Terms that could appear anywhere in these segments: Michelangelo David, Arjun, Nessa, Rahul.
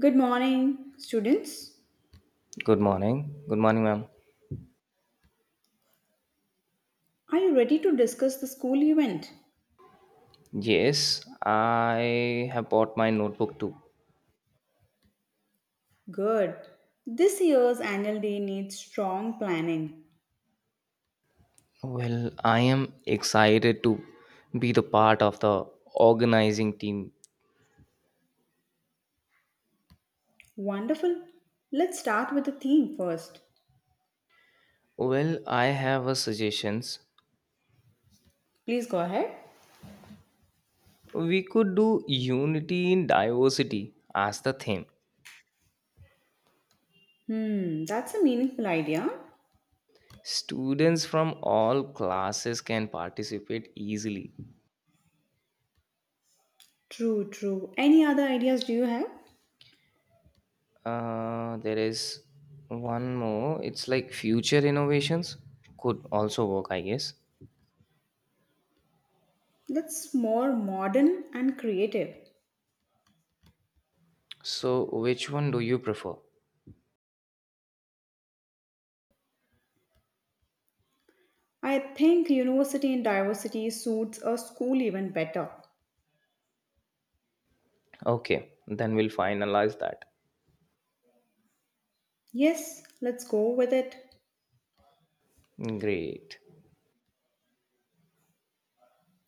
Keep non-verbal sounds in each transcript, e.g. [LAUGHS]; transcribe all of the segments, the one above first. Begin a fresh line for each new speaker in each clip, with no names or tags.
Good morning, students.
Good morning. Good morning, ma'am.
Are you ready to discuss the school event?
Yes, I have bought my notebook too.
Good. This year's annual day needs strong planning.
Well, I am excited to be the part of the organizing team.
Wonderful. Let's start with the theme first.
Well, I have a suggestions.
Please go ahead.
We could do unity in diversity as the theme.
Hmm, that's a meaningful idea.
Students from all classes can participate easily.
True, true. Any other ideas do you have?
There is one more. It's like future innovations could also work, I guess.
That's more modern and creative.
So, which one do you prefer?
I think university and diversity suits a school event better.
Okay, then we'll finalize that.
Yes, let's go with it.
Great.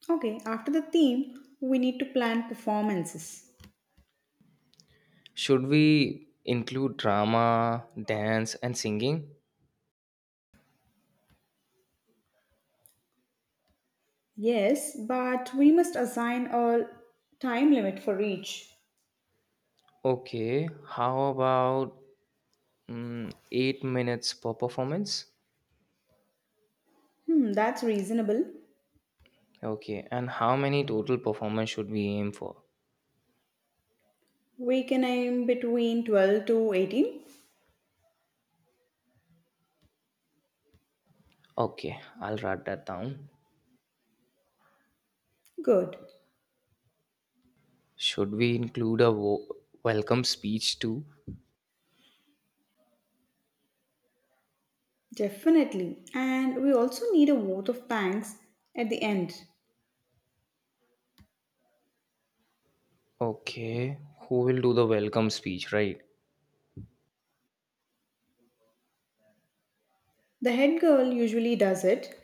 Okay, after the theme, we need to plan performances.
Should we include drama, dance, and singing?
Yes, but we must assign a time limit for each.
Okay, how about 8 minutes per performance?
Hmm, that's reasonable.
Okay, and how many total performance should we aim for?
We can aim between 12 to 18.
Okay, I'll write that down.
Good.
Should we include a welcome speech too?
Definitely. And we also need a vote of thanks at the end.
Okay, who will do the welcome speech, right?
The head girl usually does it.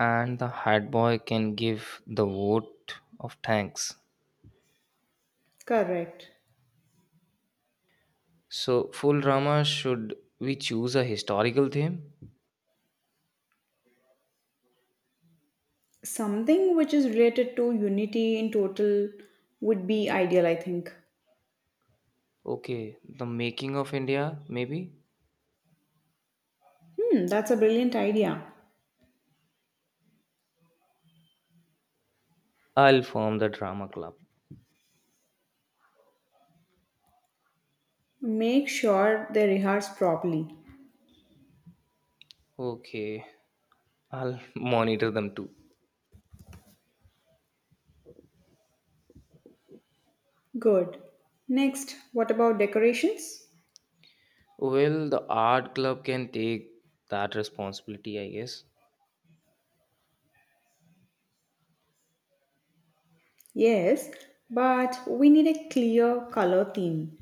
And the hat boy can give the vote of thanks.
Correct.
So, full drama, should we choose a historical theme?
Something which is related to unity in total would be ideal, I think.
Okay, the making of India, maybe?
Hmm, that's a brilliant idea.
I'll form the drama club.
Make sure they rehearse properly.
Okay, I'll [LAUGHS] monitor them too.
Good. Next, what about decorations?
Well, the art club can take that responsibility, I guess.
Yes, but we need a clear color theme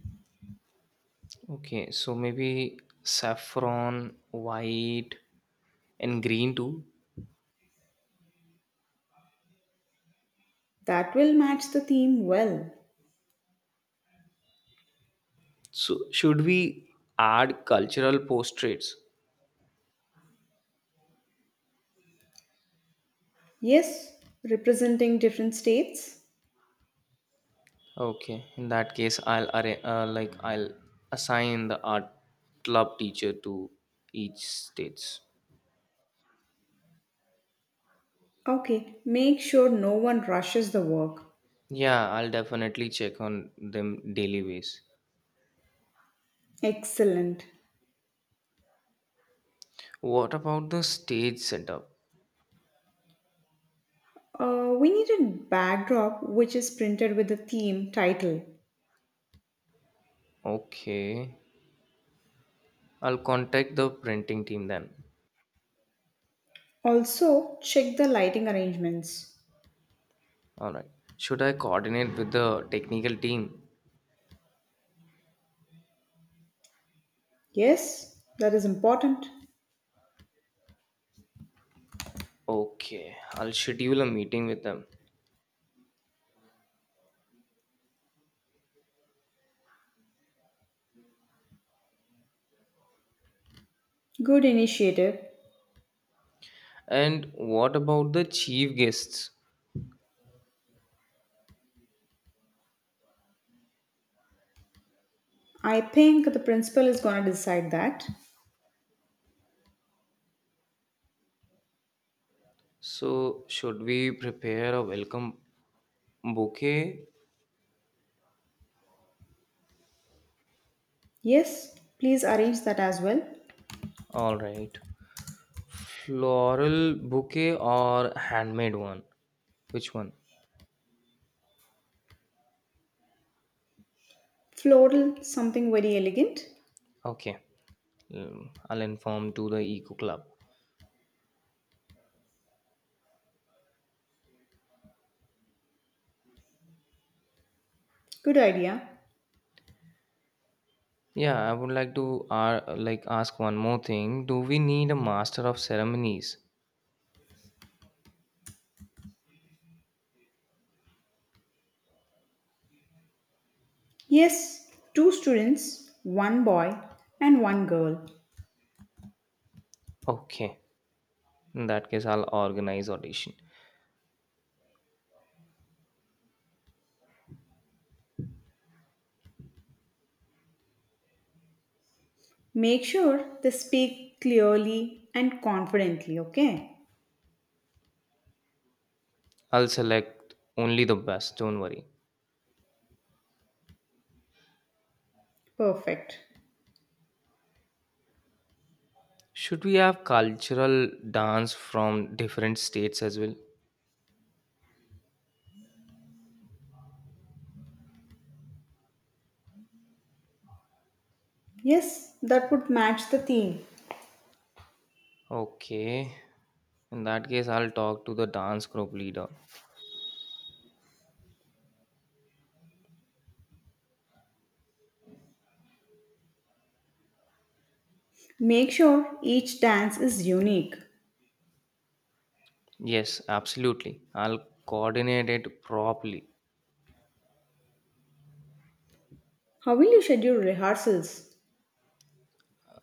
Okay, so maybe saffron, white, and green too.
that will match the theme well.
So, should we add cultural portraits?
Yes, representing different states.
Okay, in that case, I'll arra- like I'll assign the art club teacher to each states.
Okay, make sure no one rushes the work.
Yeah, I'll definitely check on them daily ways.
Excellent.
What about the stage setup?
We need a backdrop which is printed with the theme title.
Okay, I'll contact the printing team then.
Also, check the lighting arrangements.
All right. Should I coordinate with the technical team?
Yes, that is important.
Okay, I'll schedule a meeting with them.
Good initiative.
And what about the chief guests?
I think the principal is going to decide that.
So, should we prepare a welcome bouquet.
Yes, please arrange that as well.
All right. Floral bouquet or handmade one? Which one?
Floral, something very elegant.
Okay. I'll inform to the eco club.
Good idea.
Yeah, I would like to ask one more thing. Do we need a master of ceremonies?
Yes, two students, one boy and one girl.
Okay. In that case, I'll organize audition.
Make sure they speak clearly and confidently, okay?
I'll select only the best, don't worry.
Perfect.
Should we have cultural dance from different states as well?
Yes, that would match the theme.
Okay. In that case, I'll talk to the dance group leader.
Make sure each dance is unique.
Yes, absolutely. I'll coordinate it properly.
How will you schedule rehearsals?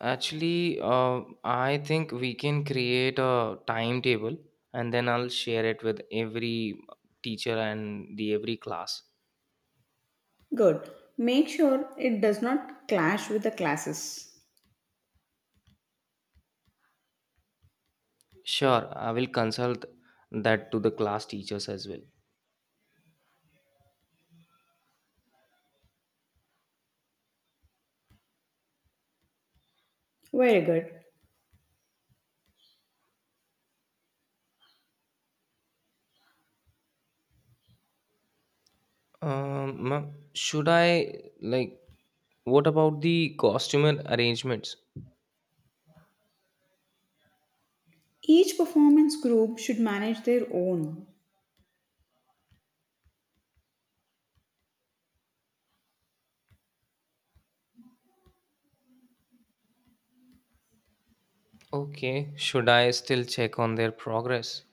Actually, I think we can create a timetable and then I'll share it with every teacher and the every class.
Good. Make sure it does not clash with the classes.
Sure, I will consult that to the class teachers as well.
Very good.
Ma'am, should I like what about the costumer arrangements?
Each performance group should manage their own.
Okay, should I still check on their progress?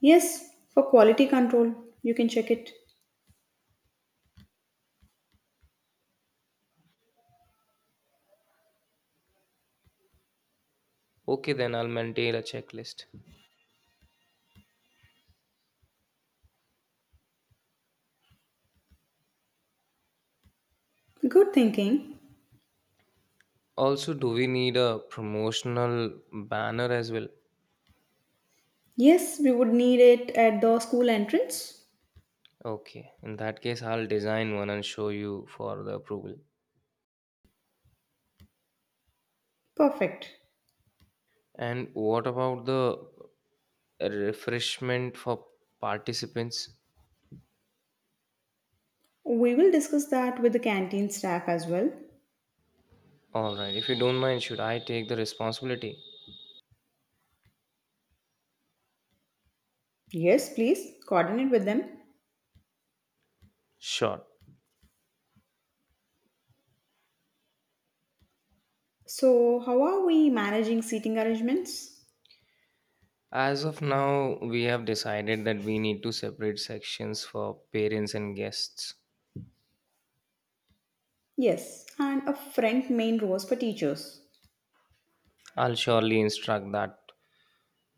Yes, for quality control, you can check it.
Okay, then I'll maintain a checklist.
Good thinking.
Also, do we need a promotional banner as well?
Yes, we would need it at the school entrance.
Okay, in that case, I'll design one and show you for the approval.
Perfect.
And what about the refreshment for participants?
We will discuss that with the canteen staff as well.
Alright, if you don't mind, should I take the responsibility?
Yes, please coordinate with them.
Sure.
So, how are we managing seating arrangements?
As of now, we have decided that we need to separate sections for parents and guests.
Yes, and a front main rows for teachers.
I'll surely instruct that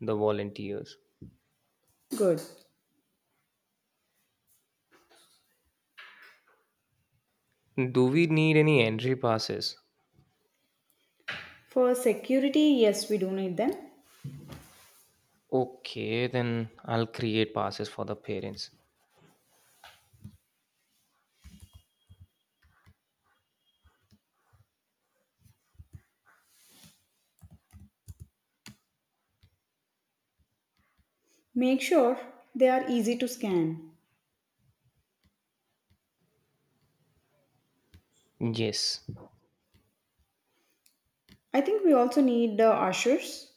the volunteers.
Good.
Do we need any entry passes?
For security, yes, we do need them.
Okay, then I'll create passes for the parents.
Make sure they are easy to scan.
Yes,
I think we also need ushers.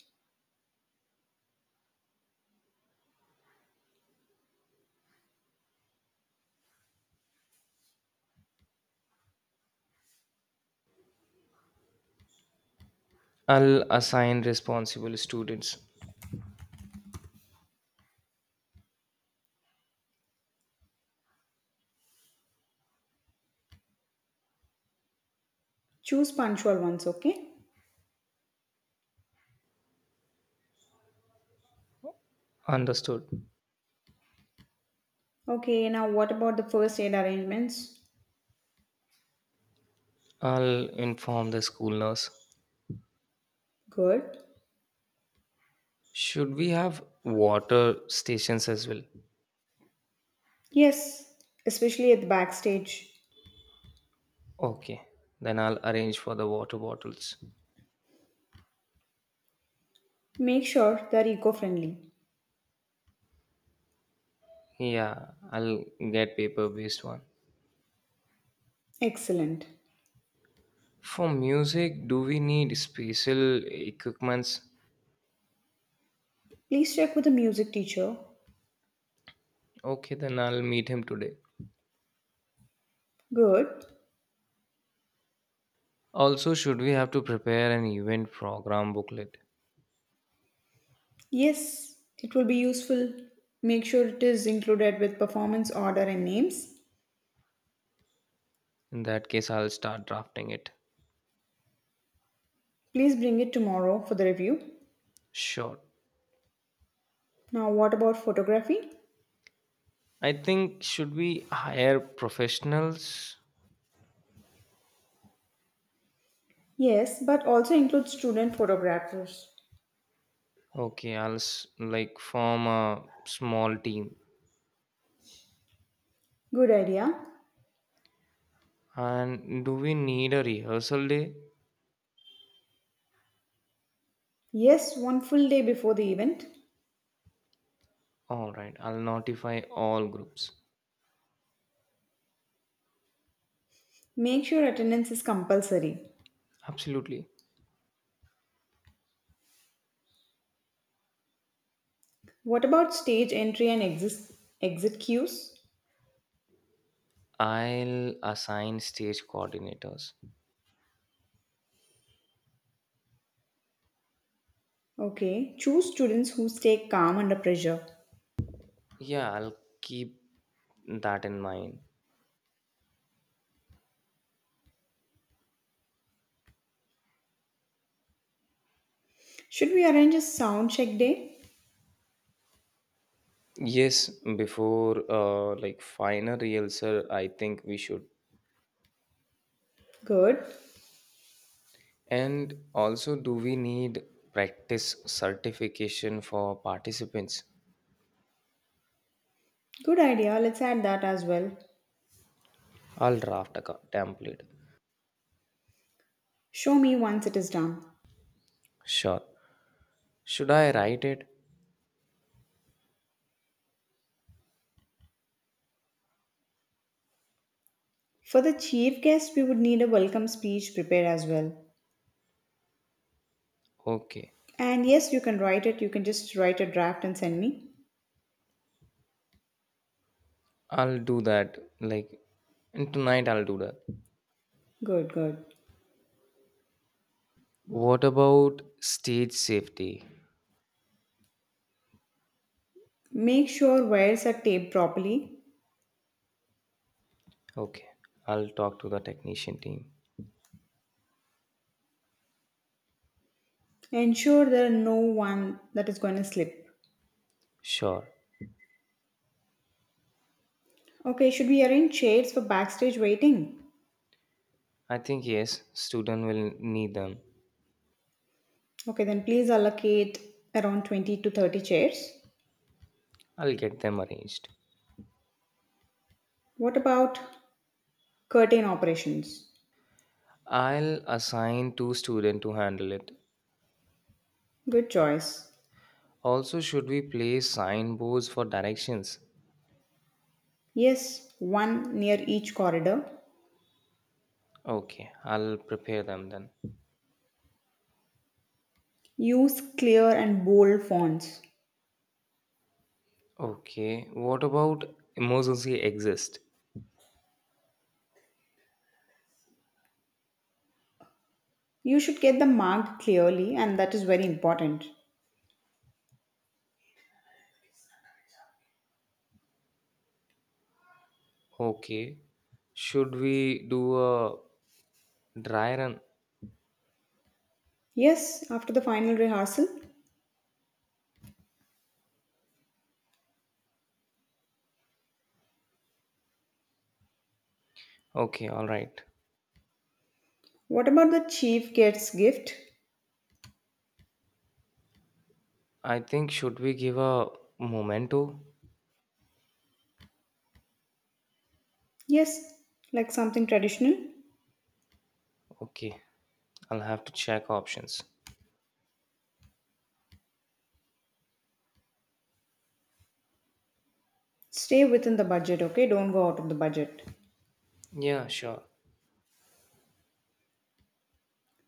I'll assign responsible students.
Choose punctual ones, okay?
Understood.
Okay, now what about the first aid arrangements?
I'll inform the school nurse.
Good.
Should we have water stations as well?
Yes, especially at the backstage.
Okay, then I'll arrange for the water bottles.
Make sure they're eco friendly.
Yeah, I'll get paper based one.
Excellent.
For music, do we need special equipments?
Please check with the music teacher.
Okay, then I'll meet him today.
Good.
Also, should we have to prepare an event program booklet?
Yes, it will be useful. Make sure it is included with performance order and names.
In that case, I'll start drafting it.
Please bring it tomorrow for the review.
Sure.
Now, what about photography?
I think should we hire professionals?
Yes, but also include student photographers.
Okay, I'll form a small team.
Good idea.
And do we need a rehearsal day?
Yes, one full day before the event.
All right, I'll notify all groups.
Make sure attendance is compulsory.
Absolutely.
What about stage entry and exit cues?
I'll assign stage coordinators.
Okay, choose students who stay calm under pressure.
Yeah, I'll keep that in mind.
Should we arrange a sound check day?
Yes, before final rehearsal, I think we should.
Good.
And also, do we need practice certification for participants?
Good idea. Let's add that as well.
I'll draft a template.
Show me once it is done.
Sure. Should I write it?
For the chief guest, we would need a welcome speech prepared as well.
Okay.
And yes, you can write it. You can just write a draft and send me.
I'll do that. Like, and tonight I'll do that.
Good, good.
What about stage safety?
Make sure wires are taped properly.
Okay. I'll talk to the technician team.
Ensure there are no one that is going to slip.
Sure.
Okay, should we arrange chairs for backstage waiting?
I think yes, student will need them.
Okay, then please allocate around 20 to 30 chairs.
I'll get them arranged.
What about curtain operations?
I'll assign two students to handle it.
Good choice.
Also, should we place signboards for directions?
Yes, one near each corridor.
Okay, I'll prepare them then.
Use clear and bold fonts.
Okay, what about emergency exist?
You should get them marked clearly, and that is very important.
Okay, should we do a dry run?
Yes, after the final rehearsal.
Okay, all right.
What about the chief guest's gift?
I think should we give a memento?
Yes, like something traditional.
Okay, I'll have to check options.
Stay within the budget, okay? Don't go out of the budget.
Yeah, sure.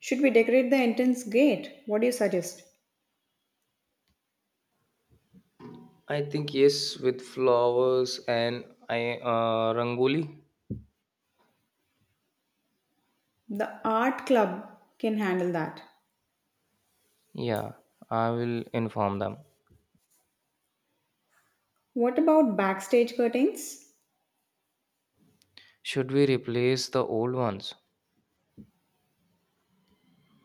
Should we decorate the entrance gate? What do you suggest?
I think yes with flowers and I rangoli.
The art club can handle that.
Yeah, I will inform them.
What about backstage curtains?
Should we replace the old ones?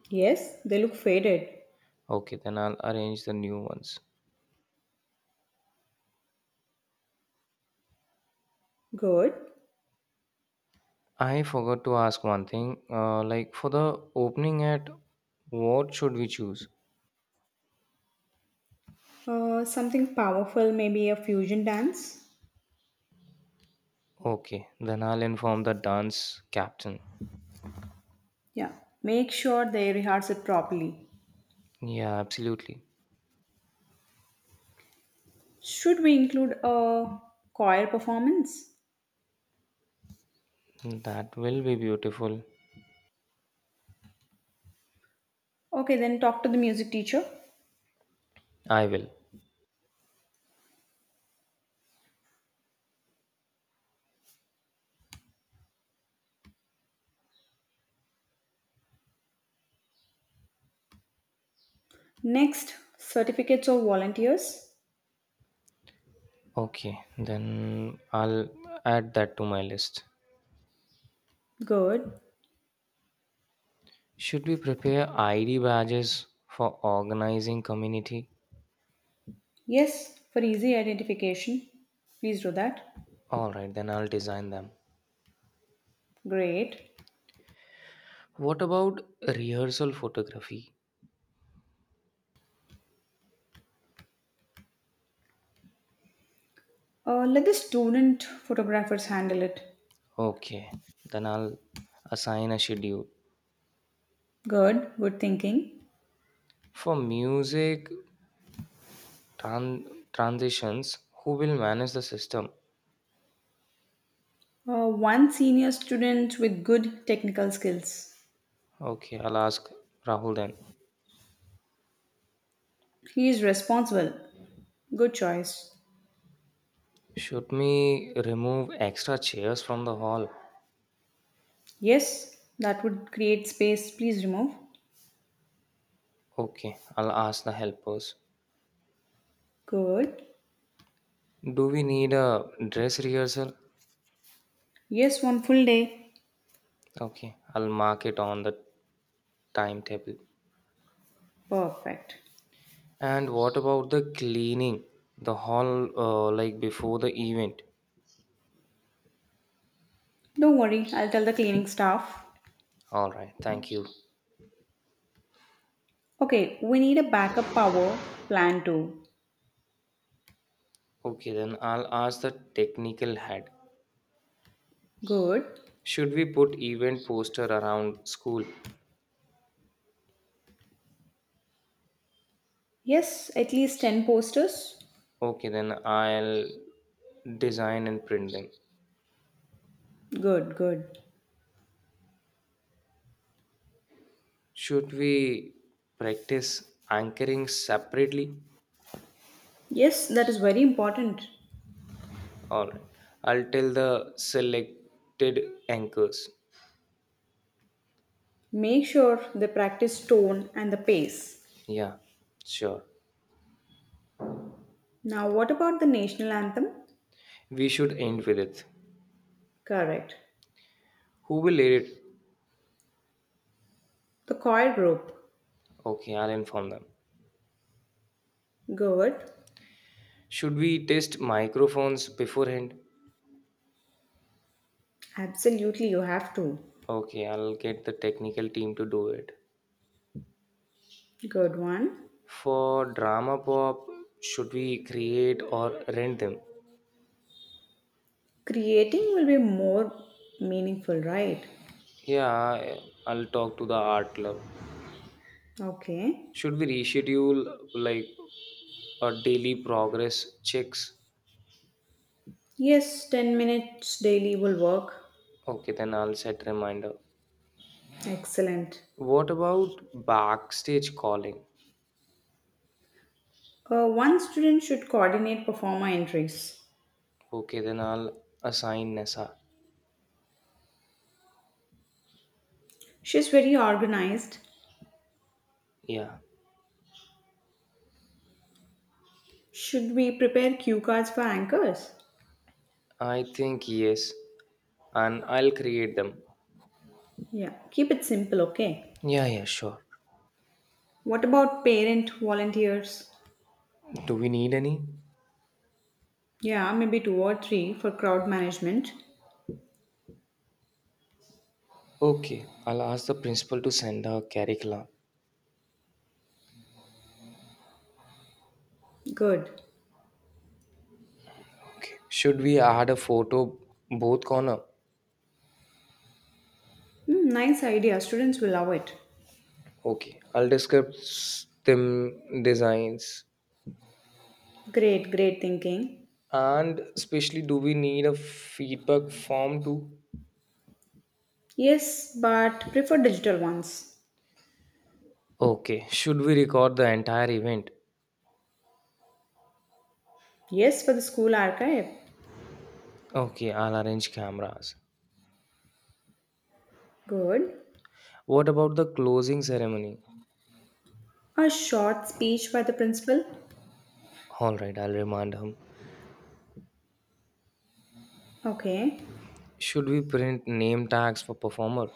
Yes, they look faded.
Okay, then I'll arrange the new ones.
Good.
I forgot to ask one thing. For the opening at, what should we choose?
Something powerful, maybe a fusion dance?
Okay, then I'll inform the dance captain.
Yeah. Make sure they rehearse it properly.
Yeah, absolutely.
Should we include a choir performance?
That will be beautiful.
Okay, then talk to the music teacher.
I will.
Next, certificates of volunteers.
Okay, then I'll add that to my list.
Good.
Should we prepare ID badges for organizing community?
Yes, for easy identification. Please do that.
All right, then I'll design them.
Great.
What about rehearsal photography?
Let the student photographers handle it.
Okay, then I'll assign a schedule.
Good thinking.
For music tran- transitions, who will manage the system?
One senior student with good technical skills.
Okay, I'll ask Rahul then.
He is responsible. Good choice.
Should we remove extra chairs from the hall?
Yes, that would create space. Please remove.
Okay, I'll ask the helpers.
Good.
Do we need a dress rehearsal?
Yes, one full day.
Okay, I'll mark it on the timetable.
Perfect.
And what about the cleaning? The hall before the event?
Don't worry, I'll tell the cleaning staff.
Alright, thank you.
Okay, we need a backup power plan too.
Okay, then I'll ask the technical head.
Good.
Should we put event poster around school?
Yes, at least 10 posters.
Okay, then I'll design and print them.
Good, good.
Should we practice anchoring separately?
Yes, that is very important.
All right. I'll tell the selected anchors.
Make sure they practice tone and the pace.
Yeah, sure.
Now, what about the national anthem?
We should end with it.
Correct.
Who will lead it?
The choir group.
Okay, I'll inform them.
Good.
Should we test microphones beforehand?
Absolutely, you have to.
Okay, I'll get the technical team to do it.
Good one.
For drama pop, should we create or rent them?
Creating will be more meaningful, right?
Yeah, I'll talk to the art club.
Okay.
Should we reschedule like a daily progress checks?
Yes, 10 minutes daily will work.
Okay, then I'll set reminder.
Excellent.
What about backstage calling?
One student should coordinate performer entries.
Okay, then I'll assign Nessa.
She's very organized.
Yeah,
Should we prepare cue cards for anchors?
I think yes, and I'll create them.
Yeah, keep it simple, okay?
Yeah, yeah, sure.
What about parent volunteers?
Do we need any?
Yeah, maybe two or three for crowd management.
Okay, I'll ask the principal to send a curriculum.
Good.
Okay. Should we add a photo both corner?
Hmm, nice idea. Students will love it.
Okay. I'll describe them designs.
Great thinking.
And especially, do we need a feedback form too?
Yes, but prefer digital ones.
Okay. Should we record the entire event?
Yes, for the school archive.
Okay. I'll arrange cameras.
Good.
What about the closing ceremony?
A short speech by the principal.
All right. I'll remind him.
Okay.
Should we print name tags for performer?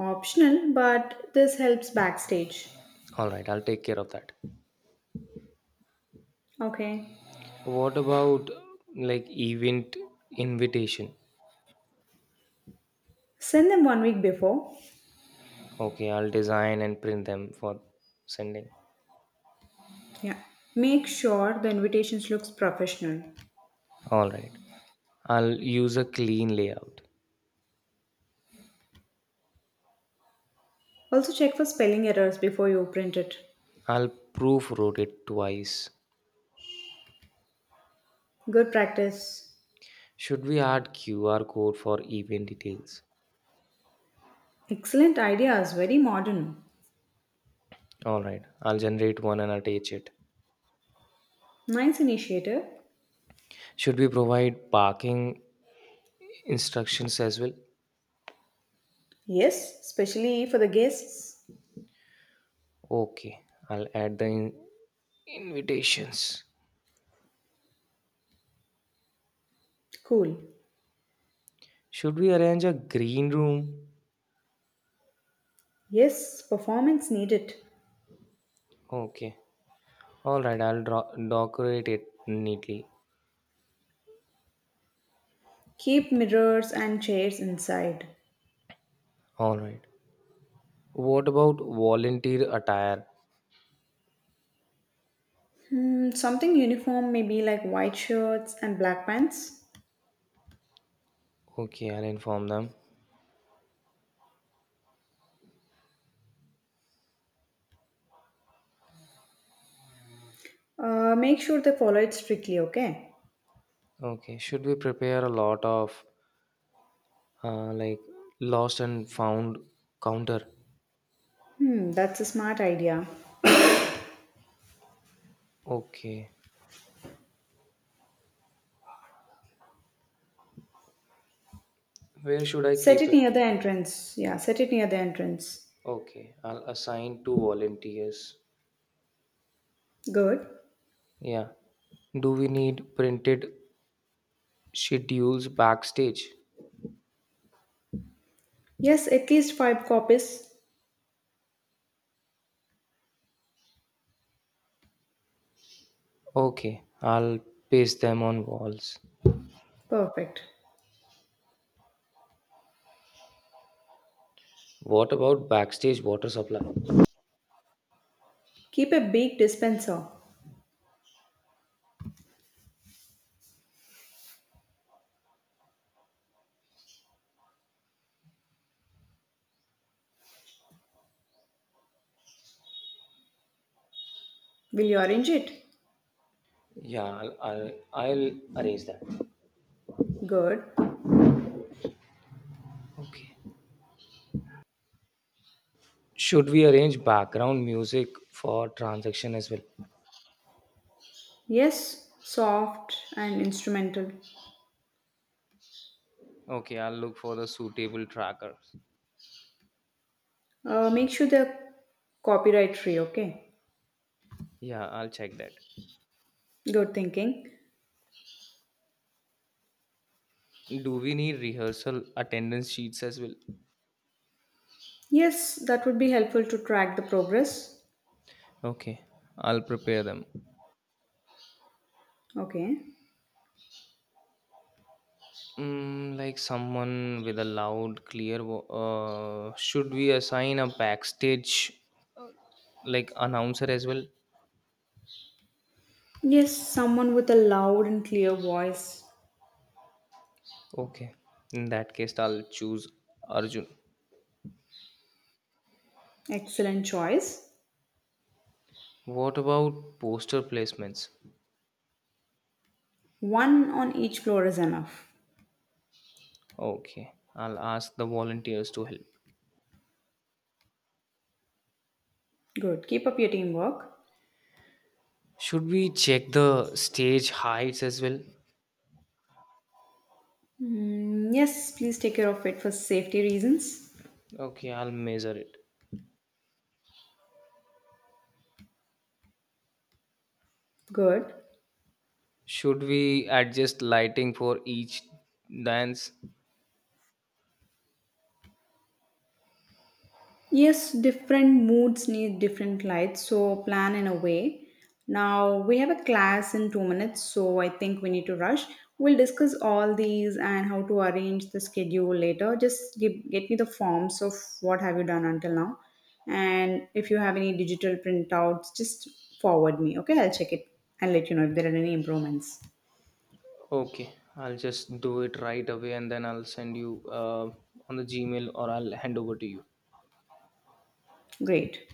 Optional, but this helps backstage.
All right. I'll take care of that.
Okay.
What about event invitation?
Send them 1 week before.
Okay, I'll design and print them for sending.
Yeah. Make sure the invitations looks professional.
All right. I'll use a clean layout.
Also check for spelling errors before you print it.
I'll proofread it twice.
Good practice.
Should we add QR code for event details?
Excellent ideas, very modern.
All right. I'll generate one and attach it.
Nice initiative.
Should we provide parking instructions as well?
Yes, especially for the guests.
Okay. I'll add the invitations.
Cool.
Should we arrange a green room?
Yes, performance needed.
Okay. All right. I'll decorate it neatly.
Keep mirrors and chairs inside.
All right. What about volunteer attire?
Hmm, something uniform, maybe like white shirts and black pants.
Okay, I'll inform them.
Make sure they follow it strictly, okay?
Okay, should we prepare a lot of uh, like lost and found counter?
Hmm, that's a smart idea.
Okay, where should I
Set
keep
it
it?
near the entrance. Yeah, set it near the entrance.
Okay, I'll assign two volunteers.
Good.
Yeah, do we need printed schedules backstage?
Yes, at least five copies.
Okay, I'll paste them on walls.
Perfect.
What about backstage water supply?
Keep a big dispenser. Will you arrange it?
Yeah, I'll arrange that.
Good.
Okay. Should we arrange background music for transaction as well?
Yes, soft and instrumental.
Okay, I'll look for the suitable trackers.
Make sure they're copyright free, okay?
Yeah, I'll check that.
Good thinking.
Do we need rehearsal attendance sheets as well?
Yes, that would be helpful to track the progress.
Okay, I'll prepare them.
Okay.
Mm, like someone with a loud, clear. Vo- Should we assign a backstage, uh, announcer as well?
Yes, someone with a loud and clear voice.
Okay, in that case, I'll choose Arjun.
Excellent choice.
What about poster placements?
One on each floor is enough.
Okay, I'll ask the volunteers to help.
Good. Keep up your teamwork.
Should we check the stage heights as well?
Mm, yes, please take care of it for safety reasons.
Okay, I'll measure it.
Good.
Should we adjust lighting for each dance?
Yes, different moods need different lights, so plan in a way. Now, we have a class in 2 minutes, so I think we need to rush. We'll discuss all these and how to arrange the schedule later. Just get me the forms of what have you done until now. And if you have any digital printouts, just forward me, okay? I'll check it and let you know if there are any improvements.
Okay, I'll just do it right away and then I'll send you on the Gmail or I'll hand over to you.
Great.